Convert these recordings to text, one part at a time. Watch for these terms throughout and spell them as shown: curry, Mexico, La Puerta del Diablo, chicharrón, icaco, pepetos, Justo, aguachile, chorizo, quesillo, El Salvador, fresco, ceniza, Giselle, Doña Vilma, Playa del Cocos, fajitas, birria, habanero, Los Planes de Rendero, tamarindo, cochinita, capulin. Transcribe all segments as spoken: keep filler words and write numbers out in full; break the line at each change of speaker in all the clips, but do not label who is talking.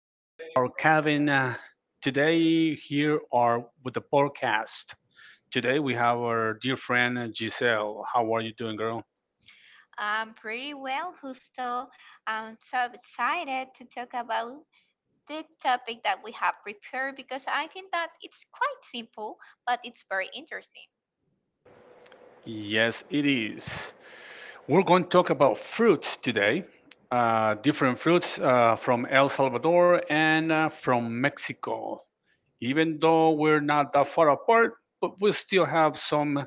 from our cabin. Uh, Today, here are with the podcast. Today, we have our dear friend uh, Giselle. How are you doing, girl?
I'm pretty well, Justo. I'm so excited to talk about the topic that we have prepared because I think that it's quite simple, but it's very interesting.
Yes, it is. We're going to talk about fruits today, uh, different fruits uh, from El Salvador and uh, from Mexico. Even though we're not that far apart, but we still have some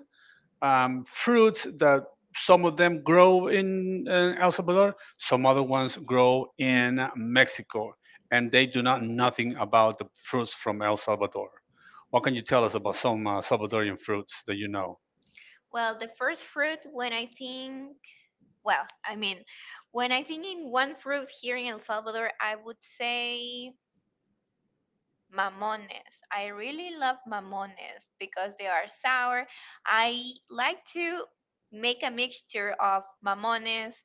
um, fruits that some of them grow in uh, El Salvador, some other ones grow in Mexico, and they do not nothing about the fruits from El Salvador. What can you tell us about some uh, Salvadorian fruits that you know?
Well, the first fruit, when I think, well, I mean, when I think in one fruit here in El Salvador, I would say mamones. I really love mamones because they are sour. I like to make a mixture of mamones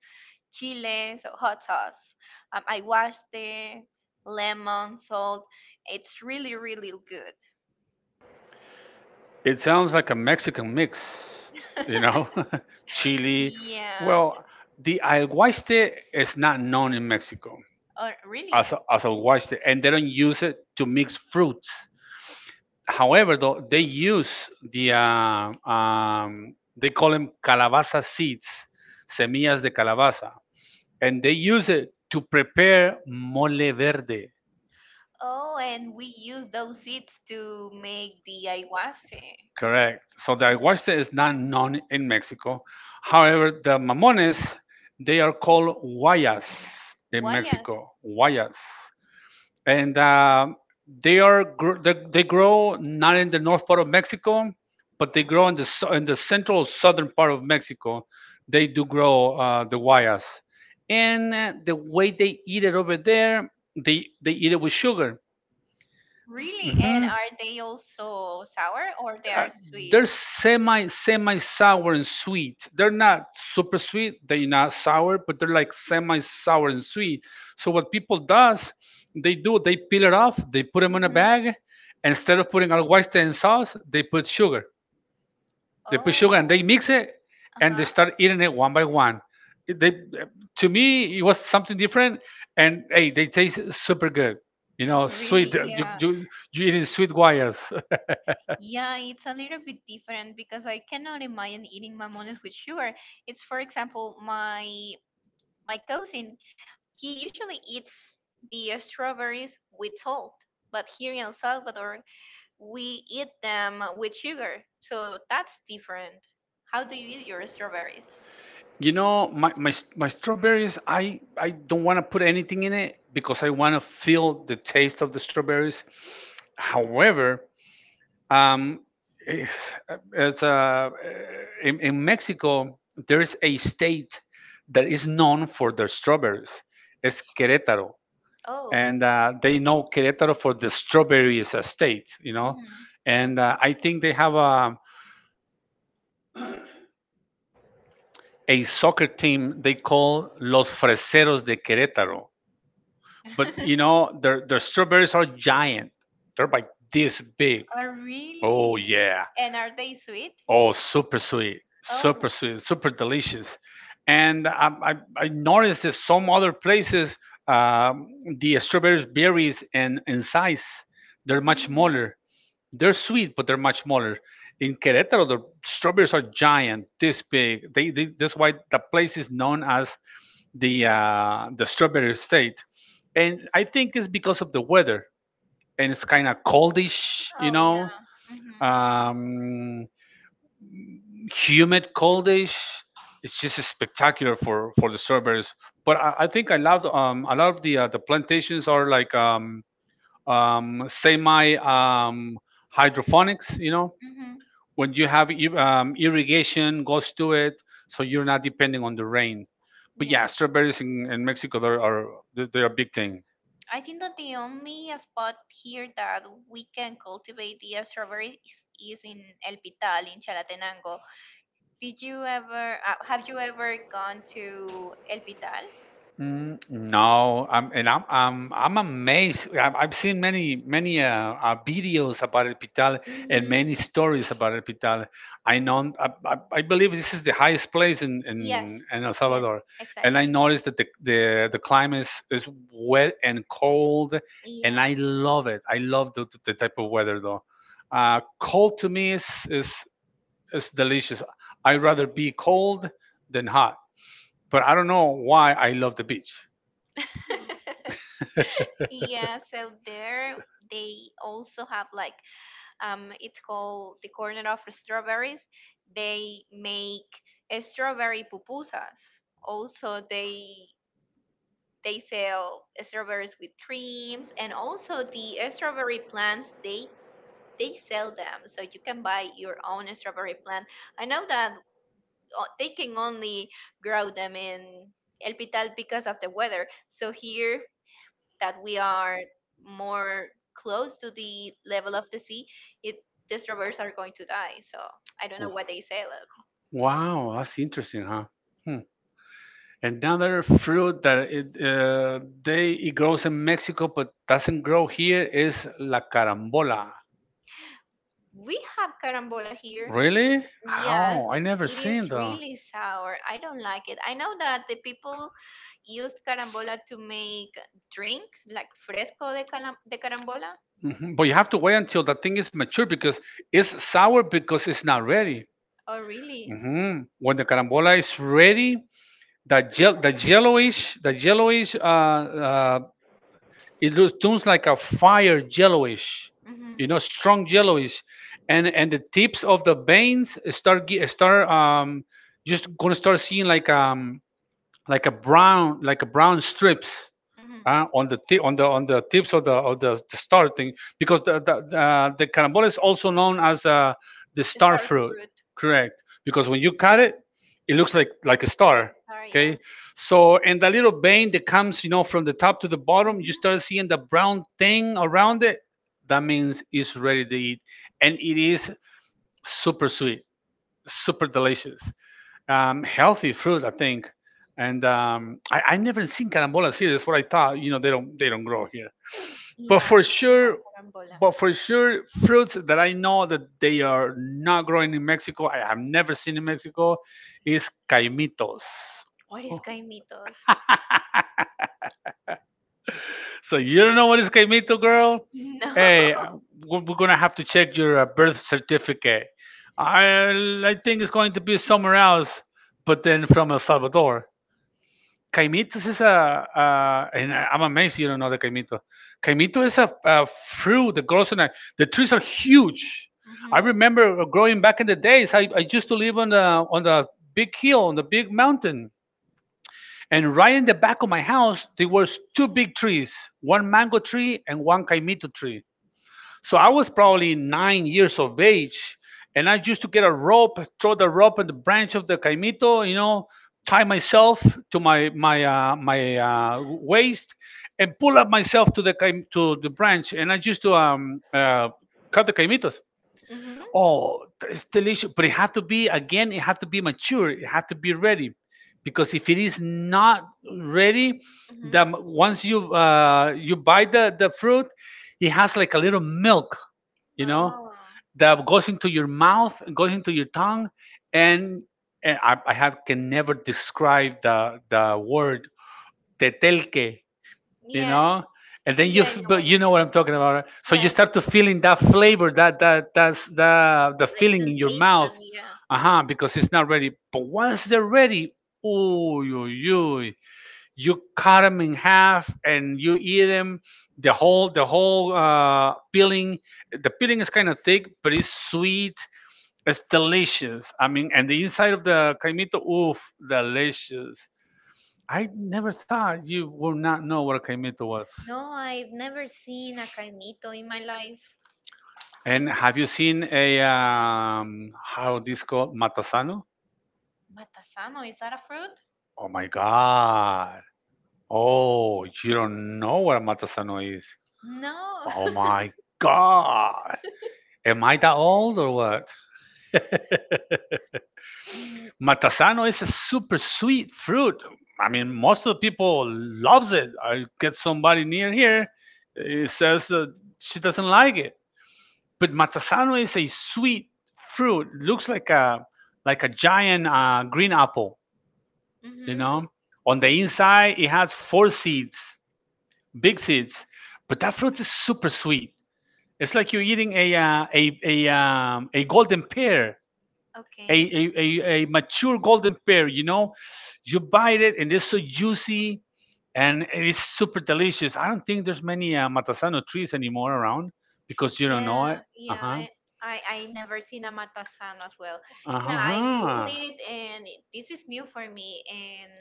chile, so hot sauce. Um, I washed it, lemon, salt. It's really, really good.
It sounds like a Mexican mix, you know, chili.
Yeah.
Well, the alguaste is not known in Mexico
Oh, really?
as as alguaste, and they don't use it to mix fruits. However, though, they use the uh, um, they call them calabaza seeds, semillas de calabaza, and they use it to prepare mole verde.
Oh, and we use those seeds to make the ayahuasca.
Correct. So the aguachile is not known in Mexico. However, the mamones, they are called guayas in
Guayas.
Mexico. Guayas. And um they are gr- they, they grow not in the north part of Mexico, but they grow in the so- in the central southern part of Mexico. They do grow uh, the guayas, and uh, the way they eat it over there, they they eat it with sugar.
Really? And
Mhm.
are they also sour or they
uh,
are sweet?
they're semi semi sour and sweet. They're not super sweet. They're not sour, but they're like semi sour and sweet. So what people does, they do they peel it off. They put them in a
Mhm.
bag. Instead of putting al guaste and sauce, they put sugar. They put sugar
Oh.
and they mix it, and they
Uh-huh.
start eating it one by one. It- They, to me, it was something different, and hey, they taste super good. You know,
Really?
sweet. Uh, You,
Yeah.
you you eating sweet guayas.
Yeah, it's a little bit different because I cannot imagine eating mamones with sugar. It's, for example, my my cousin, he usually eats the strawberries with salt, but here in El Salvador, we eat them with sugar. So that's different. How do you eat your strawberries?
You know, my my s- my strawberries, I I don't want to put anything in it because I want to feel the taste of the strawberries. However, um, eh, as uh, eh, in, in Mexico, there is a state that is known for their strawberries. It's Querétaro,
Oh.
and uh, they know Querétaro for the strawberries uh, state. You know,
Mhm.
and uh, I think they have a a soccer team they call Los Freseros de Querétaro. But you know, their their strawberries are giant. They're like this big.
Oh,
Oh
really?
yeah.
And are they sweet?
Oh, super sweet,
Oh.
super sweet, super delicious. And I I, I noticed that some other places, um, the strawberries berries and in size, they're much
Mhm.
smaller. They're sweet, but they're much smaller. In Querétaro, the strawberries are giant, this big. They, they That's why the place is known as the uh, the strawberry state. And I think it's because of the weather, and it's kind of coldish, you
Oh, yeah.
know,
Hmm.
um, humid, coldish. It's just spectacular for for the strawberries. But I, I think I love um, a lot of the uh, the plantations are like um, um, semi um, hydroponics, you know,
Hmm.
when you have ir- um, irrigation goes to it, so you're not depending on the rain. But
Yeah.
yeah, strawberries in, in Mexico they're, are they're they're a big thing.
I think that the only spot here that we can cultivate the strawberries is in El Pital in Chalatenango. Did you ever uh, Have you ever gone to El Pital?
Mm, no, I'm and I'm I'm I'm amazed. I've, I've seen many many uh, uh, videos about El Pital and
Hmm.
many stories about El Pital. I know I, I, I believe this is the highest place in in,
Yes.
Yeah, in El
Yes,
Salvador, and I
exactly.
noticed that the the, the climate is, is wet and cold, and
Yeah.
I love it. I love the, the type of weather though. Uh, cold to me is is is delicious. I'd rather be cold than hot, but I don't know why I love the beach.
Yeah, so there they also have, like, Um, it's called the corner of strawberries. They make uh, strawberry pupusas. Also, they they sell strawberries with creams, and also the uh, strawberry plants. They they sell them, so you can buy your own strawberry plant. I know that uh, they can only grow them in El Pital because of the weather. So here that we are more close to the level of the sea, it these robbers are going to die. So I don't know what they say. Like,
Wow, that's interesting, huh? Hmm. Another fruit that it uh, they it grows in Mexico but doesn't grow here is la carambola.
we have carambola here.
Really?
Yes,
Oh, I
th-
never
it
seen
is
that.
really sour. I don't like it. I know that the people used carambola to make drink like fresco de, calam- de carambola.
Hmm. But you have to wait until the thing is mature because it's sour because it's not ready.
Oh, really?
Hmm. When the carambola is ready, the gel, the yellowish, the yellowish uh, uh, it looks turns like a fire yellowish, you
Mm-hmm.
know, strong yellowish, and and the tips of the veins start ge- start um just gonna start seeing like um like a brown, like a brown strips
Mm-hmm.
uh, on the tip on the on the tips of the of the, the star thing because the the, uh, the carambola is also known as uh, the
The
star
star
fruit,
fruit.
correct, because when you cut it it looks like like a
Like
star.
star, yeah.
Okay, so and the little vein that comes, you know, from the top to the
Mm-hmm.
bottom, you start seeing the brown thing around it, that means it's ready to eat and it is super sweet, super delicious, um, healthy fruit, I think. And um, I, I never seen carambola here. That's what I thought. You know, they don't they don't grow here. But
Yeah,
for
we even have
sure,
carambola.
but for sure, fruits that I know that they are not growing in Mexico, I have never seen in Mexico, is caimitos.
What is caimitos?
So you don't know what is caimito, girl?
No.
Hey, uh, we're we're gonna have to check your uh, birth certificate. I I think it's going to be somewhere else, but then from El Salvador. Caimitos is a, a and I- I'm amazed you don't know the caimito. Caimito is a, a fruit that grows on a, the trees are huge.
Hmm.
I remember growing back in the days. I, I used to live on the on the big hill on the big mountain, and right in the back of my house there was two big trees, one mango tree and one caimito tree, so I was probably nine years of age, and I used to get a rope, throw the rope at the branch of the caimito, you know, tie myself to my my uh, my uh, waist, and pull up myself to the caim- to the branch, and I used to um, uh, cut the caimitos.
Hmm.
Oh, it's delicious, but it had to be again. It had to be mature. It had to be ready, because if it is not ready,
Hmm.
then once you uh, you buy the the fruit, it has like a little milk, you know,
Oh,
that goes into your mouth, goes into your tongue, and, and I, I have can never describe the the word tetelke, you
yeah.
know, and then you
Yeah, I
f-
know
but
what it
you
means.
know what I'm talking about, right? So you
Yeah,
start to feeling that flavor that that that's the the
like
feeling in your
sensation.
mouth,
Yeah.
uh-huh, because it's not ready. But once they're ready, oh, you you you cut them in half and you eat them the whole, the whole uh peeling. The peeling is kind of thick but it's sweet, it's delicious. I mean, and the inside of the caimito, oof, delicious. I never thought you would not know what a caimito was.
No, I've never seen a caimito in my life.
And have you seen a um, how this called matasano?
Matasano, is that a fruit?
Oh my god! Oh, you don't know what a matasano is?
No.
Oh my god! Am I that old or what? Matasano is a super sweet fruit. I mean, most of the people loves it. I get somebody near here, it says that she doesn't like it. But matasano is a sweet fruit. Looks like a like a giant uh, green apple. You
Mm-hmm.
know, on the inside it has four seeds, big seeds. But that fruit is super sweet. It's like you're eating a uh, a a um, a golden pear, a,
Okay.
a a a mature golden pear. You know, you bite it and it's so juicy and it is super delicious. I don't think there's many uh, matasano trees anymore around because you don't
Yeah,
know it. Uh
yeah.
huh.
I, I I never seen a Matasan as well. Yeah, I googled
Uh-huh.
it and it- this is new for me. And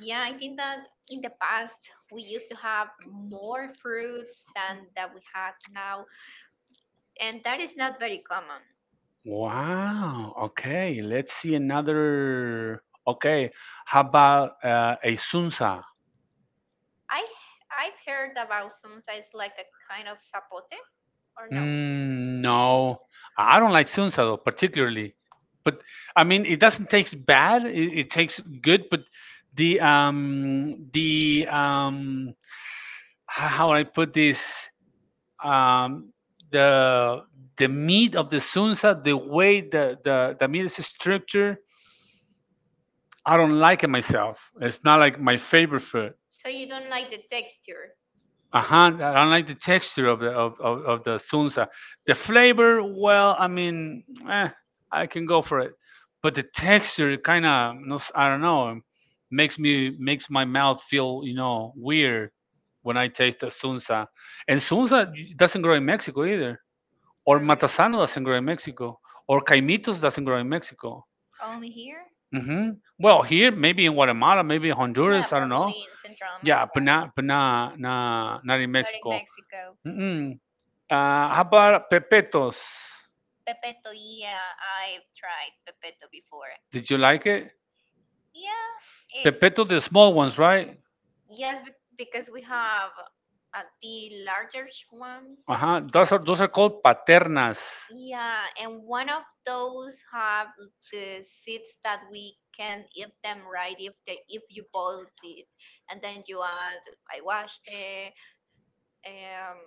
yeah, I think that in the past we used to have more fruits than that we had now, and that is not very common.
Wow. Okay. Let's see another. Okay. How about uh, a sunsa?
I I've heard about some size like a kind of sapote or no.
Mm, no, I don't like sunsa though, particularly. But I mean, it doesn't taste bad. It, it tastes good, but the um the um, h- how would I put this, um the the meat of the sunsa, the way the the the meat is structured, I don't like it myself. It's not like my favorite food.
So you don't like the texture,
Uh-huh. I don't like the texture of the of, of, of the sunsa. The flavor, well, I mean, eh, I can go for it, but the texture kind of, I don't know, makes me makes my mouth feel, you know, weird when I taste the sunsa. And sunsa doesn't grow in Mexico either, or
or
matasano doesn't grow in Mexico, or caimitos doesn't grow in Mexico.
only here?
Hmm. Well, here maybe in Guatemala, maybe
Yeah,
Honduras, I don't know.
probably in Central
Yeah, but
America.
not but not not, not in
Not in
Mexico.
Mexico.
Mm-mm. Uh, how about pepetos?
Pepeto, yeah, I've tried Pepeto before.
Did you like it?
Yeah, it's,
Pepetos, the small ones, right?
yes, bec- because we have uh, the largest one.
Uh huh. Those are those are called paternas.
Yeah, and one of those have the seeds that we can eat them right if they if you boiled it, and then you add I washed it, um,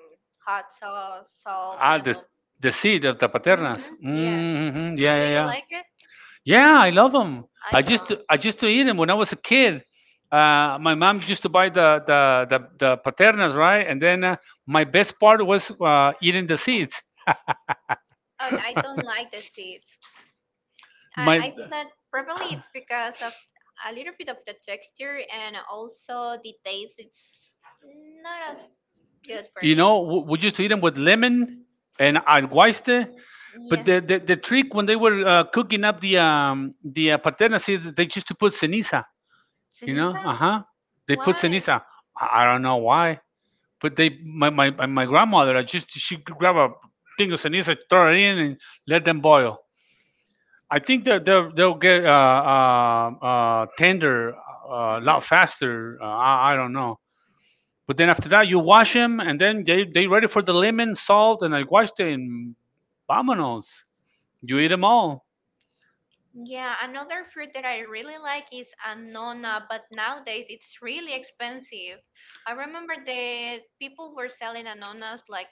hot sauce, salt,
Ah,
lemon.
the the seed of the paternas.
Mm-hmm. Yes.
Mm-hmm. Yeah,
Do
yeah,
you
yeah.
like it?
Yeah, I love them.
I
I
don't.
just I used to eat them when I was a kid. Uh, my mom used to buy the the the, the paternas, right? And then uh, my best part was uh, eating the seeds.
Oh, I don't like the seeds. I,
My,
I think that probably it's because of a little bit of the texture and also the taste. It's not as good for
you
me.
know, w- We used to eat them with lemon and alguaste. But the,
Yes.
the, the trick when they were uh, cooking up the um, the uh, paterna seeds, they used to put ceniza. You know,
Ceniza?
uh huh. They put
Why?
ceniza. I I don't know why. But they, my my my grandmother, I just she could grab a thing of ceniza, throw it in, and let them boil. I think that they'll they'll get uh, uh, uh, tender uh, a lot
Mhm.
faster. Uh, I, I don't know. But then after that, you wash them, and then they they ready for the lemon, salt, and I wash them. Vamonos, you eat them all.
Yeah, another fruit that I really like is anona, but nowadays it's really expensive. I remember that people were selling anonas like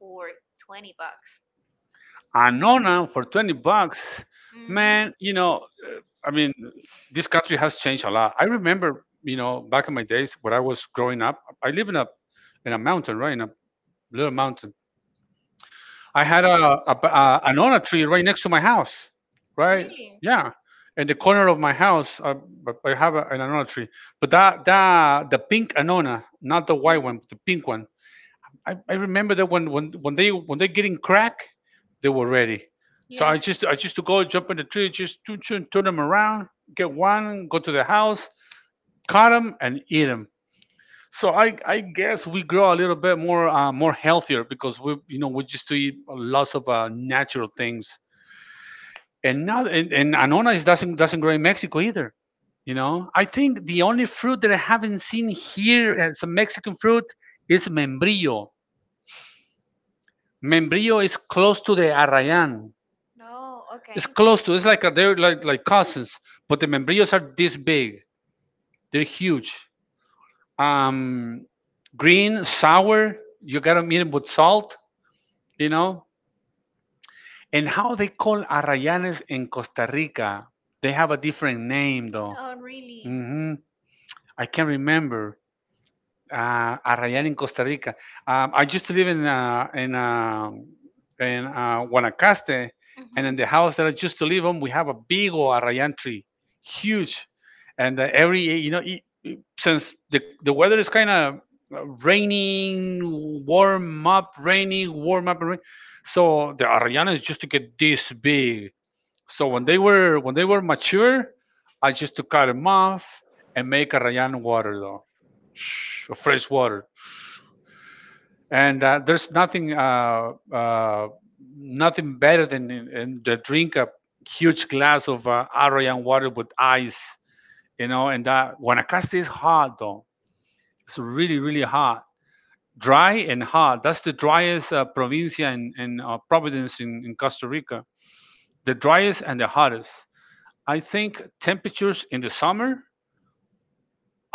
for twenty bucks.
Anona for twenty bucks,
Mm-hmm.
man, you know, uh, I mean, this country has changed a lot. I remember, you know, back in my days when I was growing up, I live in a in a mountain, right? In a little mountain. I had a, a, ba- a anona tree right next to my house, right?
Really?
Yeah. In the corner of my house, I, I have a, an anona tree, but that, that the pink anona, not the white
Mhm.
one, but the pink one, I, I remember that when, when when they when they're getting crack, they were ready. So
Yeah.
I just I just to go jump in the tree, just turn, turn, turn them around, get one, go to the house, cut them and eat them. So I, I guess we grow a little bit more uh, more healthier because we you know we just to eat lots of uh, natural things and not and, and anona is doesn't doesn't grow in Mexico either. You know I think the only fruit that I haven't seen here as a Mexican fruit is membrillo. Membrillo is close to the Arrayan.
Oh, okay.
It's close to. It's like a, they're like like cousins, but the membrillos are this big. They're huge. Um, Green, sour. You gotta meet them with salt, you know. And how they call arrayanes in Costa Rica? They have a different name though.
Oh, really?
hmm I can't remember. Ah, Arrayán in Costa Rica. Um, I used to live in uh, in um, in uh, Guanacaste,
Mm-hmm.
and in the house that I used to live on, we have a big old arrayan tree, huge, and uh, every you know e- e- since the the weather is kind of raining, warm up, rainy, warm up, rain, so the arrayan is just to get this big, so when they were when they were mature, I just to cut them off and make a Rayan water though. Shh, fresh water. And uh, there's nothing uh, uh, nothing better than in, in the drink a huge glass of uh, Arayan water with ice, you know. And that Guanacaste is hot though. It's really really hot, dry and hot. That's the driest uh, provincia in, in uh, Providence in, in Costa Rica. The driest and the hottest. I think temperatures in the summer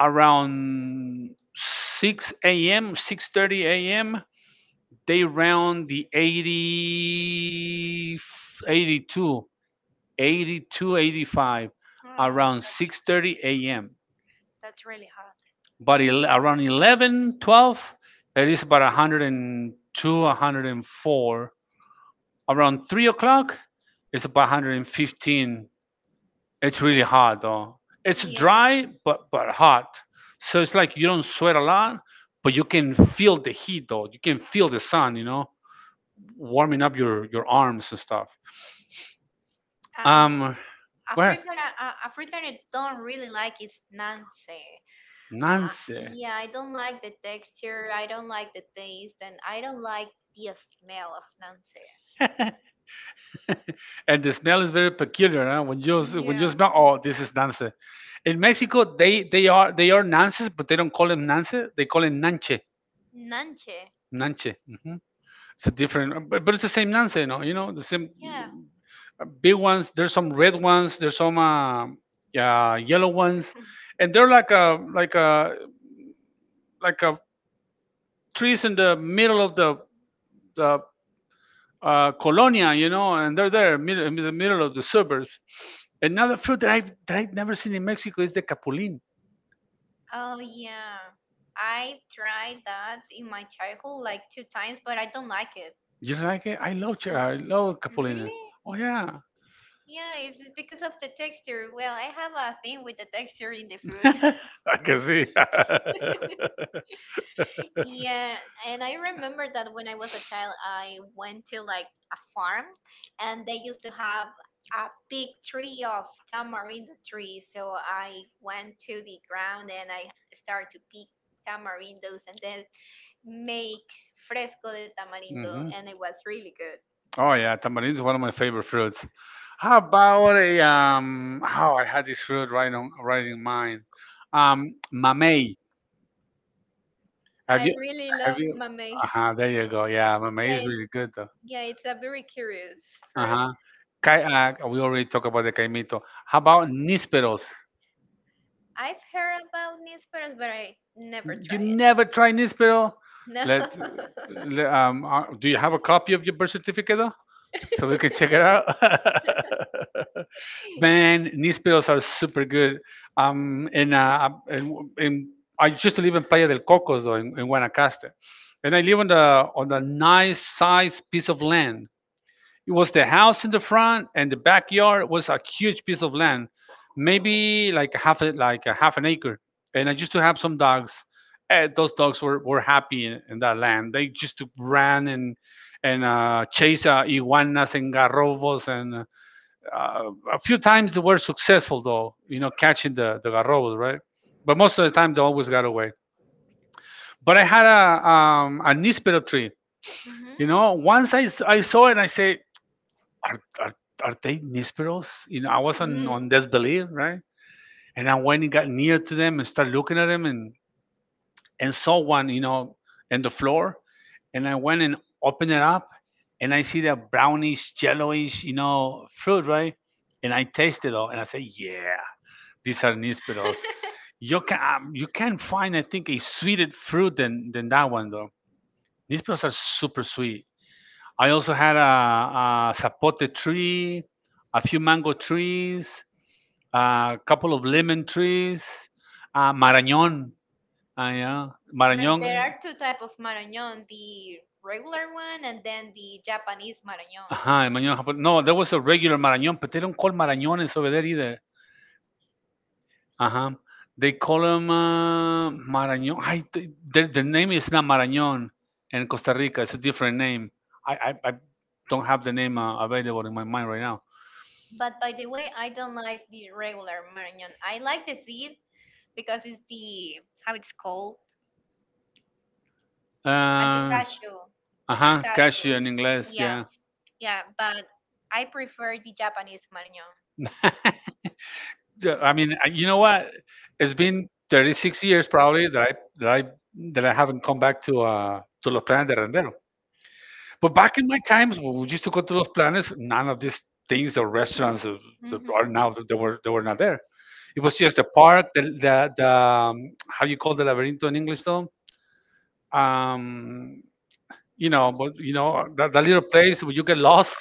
around six a m, six thirty a m, they round the eighty 82, eighty-two, eighty-five
Oh,
around 6:30
that's
a.m.
that's really hard.
But el- around eleven, twelve, it is about one hundred two, one hundred four. Around three o'clock, it's about one hundred fifteen. It's really hot though. It's
Yeah.
dry but but hot. So it's like you don't sweat a lot, but you can feel the heat though. You can feel the sun, you know, warming up your your arms and stuff.
Um,
Um,
a
where?
fruit that I, a a fruit that I don't really like is Nancy. Uh,
Nance?
yeah, I don't like the texture. I don't like the taste, and I don't like the smell of Nancy.
And the smell is very peculiar. Huh? When you when you
Yeah.
smell, oh, this is nance. In Mexico, they they are they are nances, but they don't call them nance. They call it Nanche.
Nanche.
Nanche. hmm It's a different, but, but it's the same nance. You know, you know the same
Yeah.
uh, big ones. There's some red ones. There's some uh, yeah, yellow ones, and they're like a like a like a trees in the middle of the the uh, colonia, you know, and they're there mid- in the middle of the suburbs. Another fruit that I've that I've never seen in Mexico is the capulin.
Oh, yeah, I've tried that in my childhood like two times, but I don't like it.
You like it? I love ch-
No,
I love capulin.
really?
Oh yeah,
Yeah, it's just because of the texture. Well, I have a thing with the texture in the food.
I can see.
Yeah, and I remember that when I was a child, I went to like a farm, and they used to have a big tree of tamarind tree. So I went to the ground and I started to pick tamarindos, and then make fresco de tamarindo,
hmm
and it was really good.
Oh yeah, tamarind is one of my favorite fruits. How about a um? How I had this fruit right on right in mind. Um, Mamey. Have
I
you
really
have
love
you?
mamey.
Uh huh. There you go. Yeah, mamey
Yeah,
is
it's
really good though.
yeah, it's a very curious
Uh
fruit.
huh. Kai, uh, we already talked about the caimito. How about nisperos?
I've heard about nisperos, but I never
You
try it.
never try nispero?
No.
Let, le- um, uh, do you have a copy of your birth certificate though? So we can check it out.
Hmm.
Man, Nísperos are super good. Um, in, uh, in, in, I used to live in Playa del Cocos, though, in, in Guanacaste. And I live on the, on the nice sized piece of land. It was the house in the front, and the backyard was a huge piece of land, maybe like a half a, like a half an acre. And I used to have some dogs. And those dogs were, were happy in, in that land. They just ran and and uh, chase uh, iguanas and garrobos and uh, uh, a few times they were successful though, you know, catching the the garrobos, right? But most of the time they always got away. But I had a um, a nispero tree. You know, once I I saw it, and I say, are, are, are they nisperos? You know, I was on
Hmm.
on disbelief, right? And I went and got near to them and started looking at them and and saw one, you know, in the floor. And I went and opened it up, and I see that brownish, yellowish, you know, fruit, right? And I tasted it all, and I say, yeah, these are nísperos. You can um, you can find I think a sweeter fruit than than that one though. Nísperos are super sweet. I also had a, a zapote tree, a few mango trees, a couple of lemon trees, uh, marañón. Uh, yeah,
But
marañón.
there are two type of marañón, the regular one and then the Japanese marañón.
Ajá, el marañón japonés. No, there was a regular marañón, but they don't call marañones over there either. Uh-huh. They call them uh, Marañón. I, the, the the name is not Marañón in Costa Rica. It's a different name. I, I, I don't have the name uh, available in my mind right now.
But by the way, I don't like the regular marañón. I like the seed, because it's the how it's called at the
Uh,
cashew. It's
uh-huh. Cashew
cashew.
in English,
Yeah,
yeah.
yeah. But I prefer the Japanese marignon.
Yeah, I mean, I- you know what? It's been thirty-six years probably that I that I that I haven't come back to uh to Los Planes de Rendero. But back in my times, when we used to go to Los Planes. None of these things or restaurants uh, that
Hmm.
are now that they were they were not there. It was just a park, the the, the um, how you call the laberinto in English though? Um, you know, but you know that, that little place where you get lost,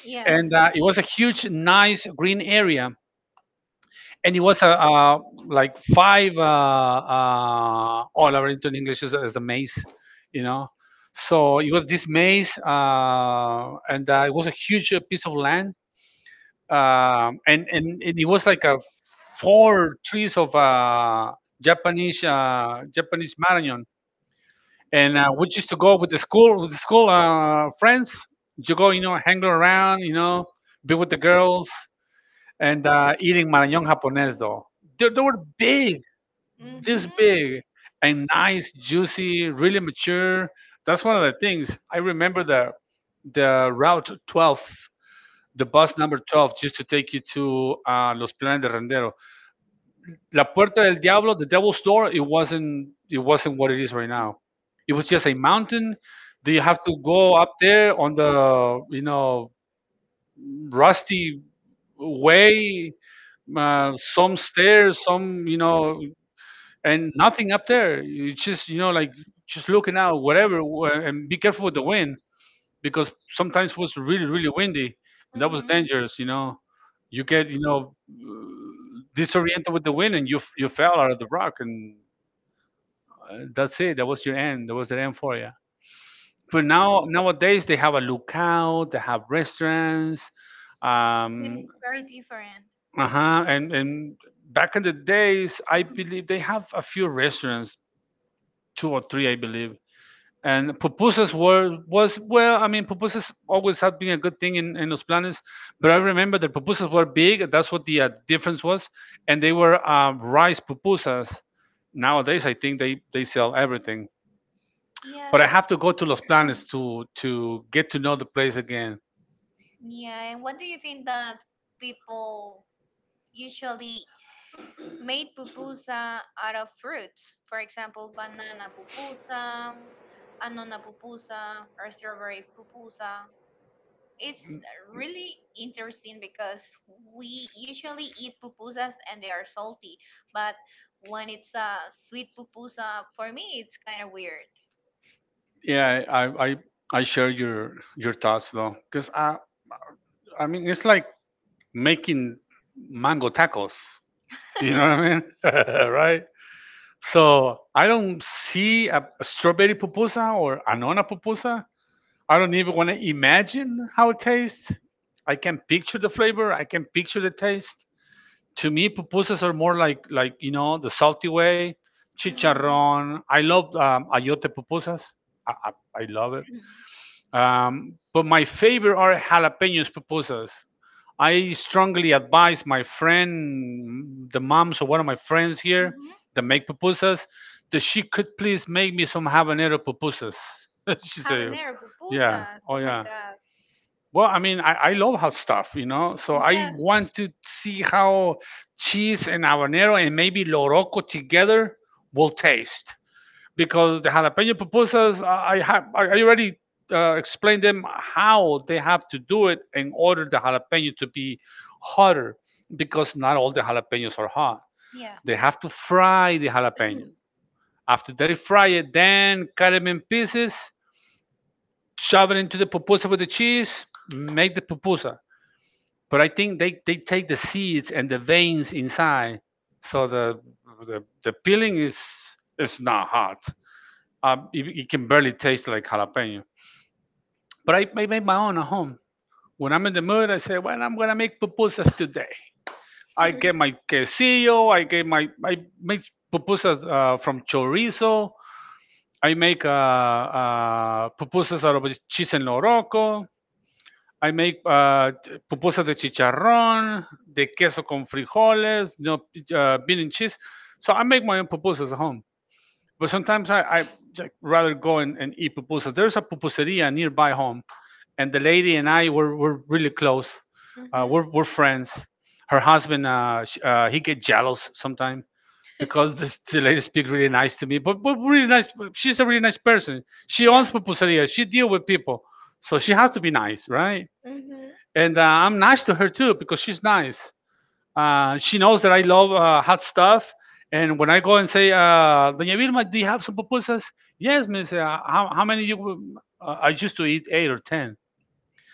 Yeah.
and uh, it was a huge, nice green area, and it was a, uh like five uh, uh, oh, laberinto in English is, is a maze, you know. So it was this maze, uh, and uh, it was a huge uh, piece of land, um, and, and and it was like a four trees of uh, Japanese uh, Japanese Marañon, and uh, we used to go with the school with the school uh, friends. You go, you know, hang around, you know, be with the girls, and uh, eating Marañón japonés though. They, they were big,
Hmm.
this
Hmm.
big, and nice, juicy, really mature. That's one of the things I remember, the the route twelve, the bus number twelve, just to take you to uh, Los Planes de Rendero. La Puerta del Diablo, the Devil's Door, it wasn't it wasn't what it is right now. It was just a mountain. Do you have to go up there on the you know rusty way, uh, some stairs, some you know, and nothing up there. It's just you know like just looking out, whatever, wh- and be careful with the wind, because sometimes it was really really windy and that was dangerous, you know you get you know uh, disoriented with the wind, and you f- you fell out of the rock, and uh, that's it. That was your end. That was the end for you. But now nowadays they have a lookout. They have restaurants.
It's
um
very different.
uh-huh. And and back in the days, I believe they have a few restaurants, two or three, I believe. And pupusas were was well, I mean, pupusas always had been a good thing in, in Los Planes, but I remember the pupusas were big. That's what the uh, difference was, and they were uh, rice pupusas. Nowadays, I think they they sell everything.
Yeah.
But I have to go to Los Planes
Mm.
to to get to know the place again.
Yeah. And what do you think that people usually made pupusa out of fruits? For example, banana pupusa, anona pupusa, or strawberry pupusa. It's really interesting because we usually eat pupusas and they are salty, but when it's a sweet pupusa, for me it's kind of weird.
Yeah, I I, I share your your thoughts though, because I I mean it's like making mango tacos. You know what I mean? Right? So I don't see a, a strawberry pupusa or anona pupusa. I don't even want to imagine how it tastes. I can picture the flavor. I can picture the taste. To me, pupusas are more like like you know the salty way,
Mm-hmm.
chicharrón. I love um, ayote pupusas. I, I, I love it. Um, but my favorite are jalapenos pupusas. I strongly advise my friend, the moms of one of my friends here
Mm-hmm.
that make pupusas, that she could please make me some habanero pupusas. She said,
Habanero
yeah,
pupusas.
oh
Oh my
yeah.
god.
Well, I mean, I, I love her stuff, you know. So I
Yes.
want to see how cheese and habanero and maybe loroco together will taste, because the jalapeno pupusas, I I have I I already uh, explained them how they have to do it in order the jalapeno to be hotter, because not all the jalapenos are hot.
Yeah.
They have to fry the jalapeno. After they fry it, then cut them in pieces, shove it into the pupusa with the cheese, make the pupusa. But I think they, they take the seeds and the veins inside, so the the, the peeling is is not hot. Um, it, it can barely taste like jalapeno. But I, I make my own at home. When I'm in the mood, I say, "Well, I'm gonna make pupusas today." I
Hmm.
get my quesillo. I get my I make pupusas uh, from chorizo. I make uh, uh, pupusas out of cheese en loroco. I make uh, pupusas de chicharrón, de queso con frijoles, you know, uh, bean and cheese. So I make my own pupusas at home. But sometimes I, I j- rather go and, and eat pupusas. There's a pupuseria nearby home, and the lady and I were, were really close. Uh, we're, we're friends. Her husband, uh, sh- uh, he get jealous sometimes, because this, the lady speak really nice to me. But, but really nice. She's a really nice person. She owns
Yeah.
pupuseria. She deal with people, so she has to be nice, right?
Hmm.
And uh, I'm nice to her too because she's nice. Uh, she knows that I love uh, hot stuff. And when I go and say, uh, "Doña Vilma, do you have some pupusas?" "Yes, miss. Uh, how, how many you? will-" Uh, I used to eat eight or ten.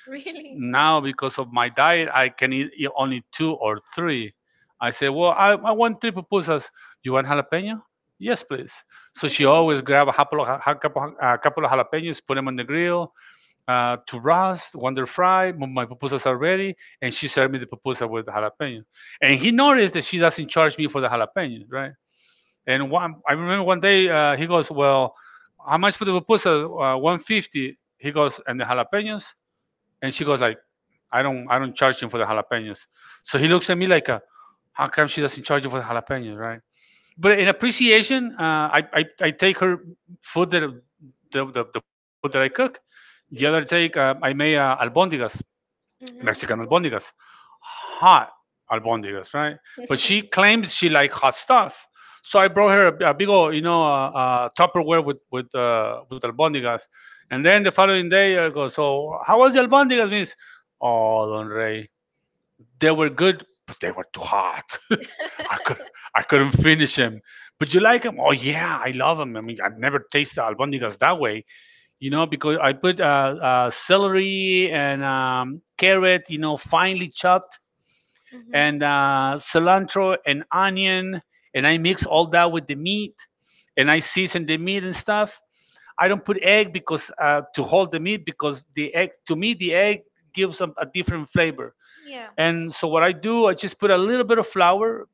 Really.
Now, because of my diet, I can eat e- only two or three. I say, well, I, I want three pupusas. "You want jalapeno?" "Yes, please." So she always grab a couple of, a couple of jalapenos, put them on the grill, uh, to Ross, Wonder Fry, my pupusas are ready, and she served me the pupusa with jalapeno. And he noticed that she doesn't charge me for the jalapeno, right? And one, I remember one day uh, he goes, "Well, how much for the pupusa?" Uh, one fifty. He goes, "And the jalapenos?" And she goes like, I don't, I don't charge him for the jalapenos." So he looks at me like, a, how come she doesn't charge you for the jalapenos, right? But in appreciation, uh, I, I I take her food, that the, the, the food that I cook. The other take, uh, I made uh, albondigas, Mexican
Hmm.
albondigas, hot albondigas, right? But she claims she like hot stuff, so I brought her a, a big old you know uh, uh, Tupperware with with uh, with albondigas, and then the following day I go, "So how was the albondigas?" Means, "Oh, Don Rey, they were good, but they were too hot. I could I couldn't finish him." "But you like him?" "Oh yeah, I love him. I mean, I've never tasted albondigas that way," you know, because I put uh, uh, celery and um, carrot, you know, finely chopped,
Hmm.
and uh, cilantro and onion, and I mix all that with the meat, and I season the meat and stuff. I don't put egg, because uh, to hold the meat, because the egg, to me the egg gives a, a different flavor.
Yeah,
And so what I do, I just put a little bit of flour,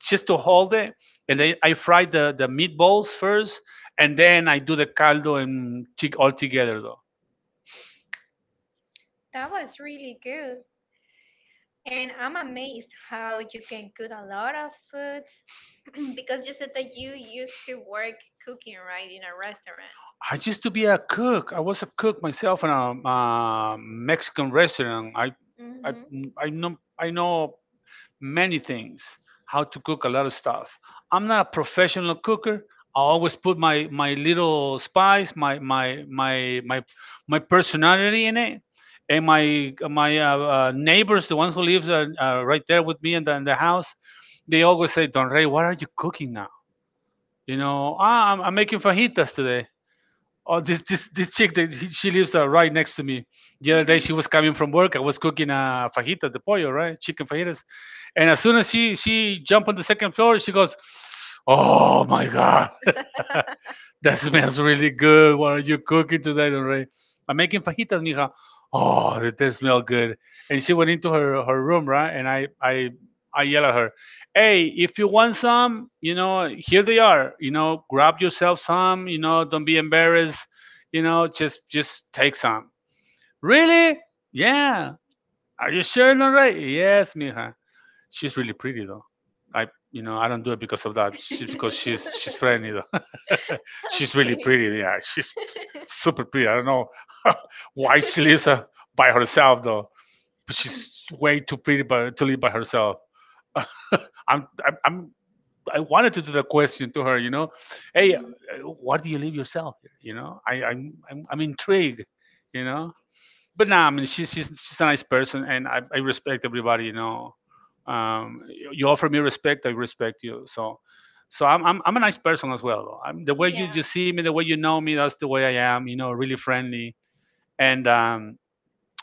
just to hold it. And then I fry the, the meatballs first, and then I do the caldo and tig- all together though.
that was really good. And I'm amazed how you can cook a lot of foods because you said that you used to work cooking, right, in a restaurant.
I used to be a cook. I was a cook myself in a, uh Mexican restaurant. I, I,
Mm-hmm.
I know, I know many things, how to cook a lot of stuff. I'm not a professional cooker. I always put my my little spice, my my my my my personality in it, and my my uh, uh, neighbors, the ones who live uh, uh, right there with me in the, in the house, they always say, "Don Rey, what are you cooking now?" You know, ah, I'm, I'm making fajitas today. Oh, this this this chick that he, she lives uh, right next to me. The other day
Mm-hmm.
she was coming from work. I was cooking a fajita de pollo, right? Chicken fajitas. And as soon as she she jumped on the second floor, she goes, "Oh my god!" "That smells really good. What are you cooking today, Lorraine?" "I'm making fajitas, mija." "Oh, that does smell good." And she went into her, her room, right? And I, I, I yell at her, "Hey, if you want some, you know, here they are. You know, grab yourself some. You know, don't be embarrassed. You know, just just take some." "Really?" "Yeah." "Are you sure, Lorraine?" "Yes, mija." She's really pretty though. I you know I don't do it because of that. She's because she's she's friendly though. She's really
Okay.
pretty. Yeah, she's super pretty. I don't know why she lives uh, by herself though. But she's way too pretty by, to live by herself. I'm, I'm I'm I wanted to do the question to her. You know, "Hey, uh,
Mhm.
why do you live yourself? You know, I I'm I'm, I'm intrigued." You know, but no, I mean she's she's she's a nice person, and I, I respect everybody. You know, um, you you offer me respect, I respect you. So, so I'm I'm, I'm a nice person as well. though. I'm, the way you, you
Yeah.
see me, the way you know me, that's the way I am. You know, really friendly. And um,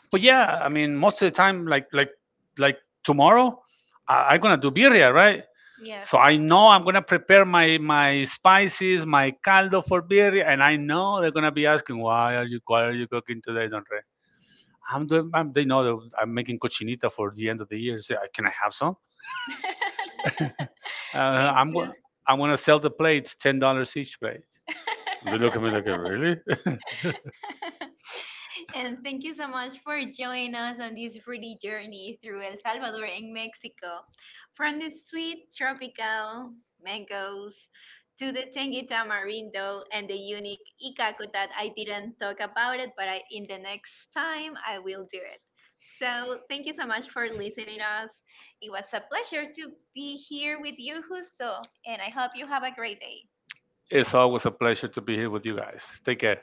But yeah, I mean, most of the time, like like like tomorrow, I, I'm gonna do birria, right?
Yes.
So I know I'm gonna prepare my my spices, my caldo for birria, and I know they're gonna be asking, "Why are you why are you cooking today, Don I'm doing, I'm, They know that I'm making cochinita for the end of the year. Say, "Uh, can I have some?" uh,
Thank
I'm
you.
going. I'm gonna sell the plates, ten dollars each plate. They look at me like, "Really?"
And thank you so much for joining us on this fruity journey through El Salvador and Mexico. From the sweet tropical mangoes to the tangy tamarindo and the unique ikako that I didn't talk about it, but I, in the next time I will do it. So thank you so much for listening us. It was a pleasure to be here with you, Justo, and I hope you have a great day.
It's always a pleasure to be here with you guys. Take care.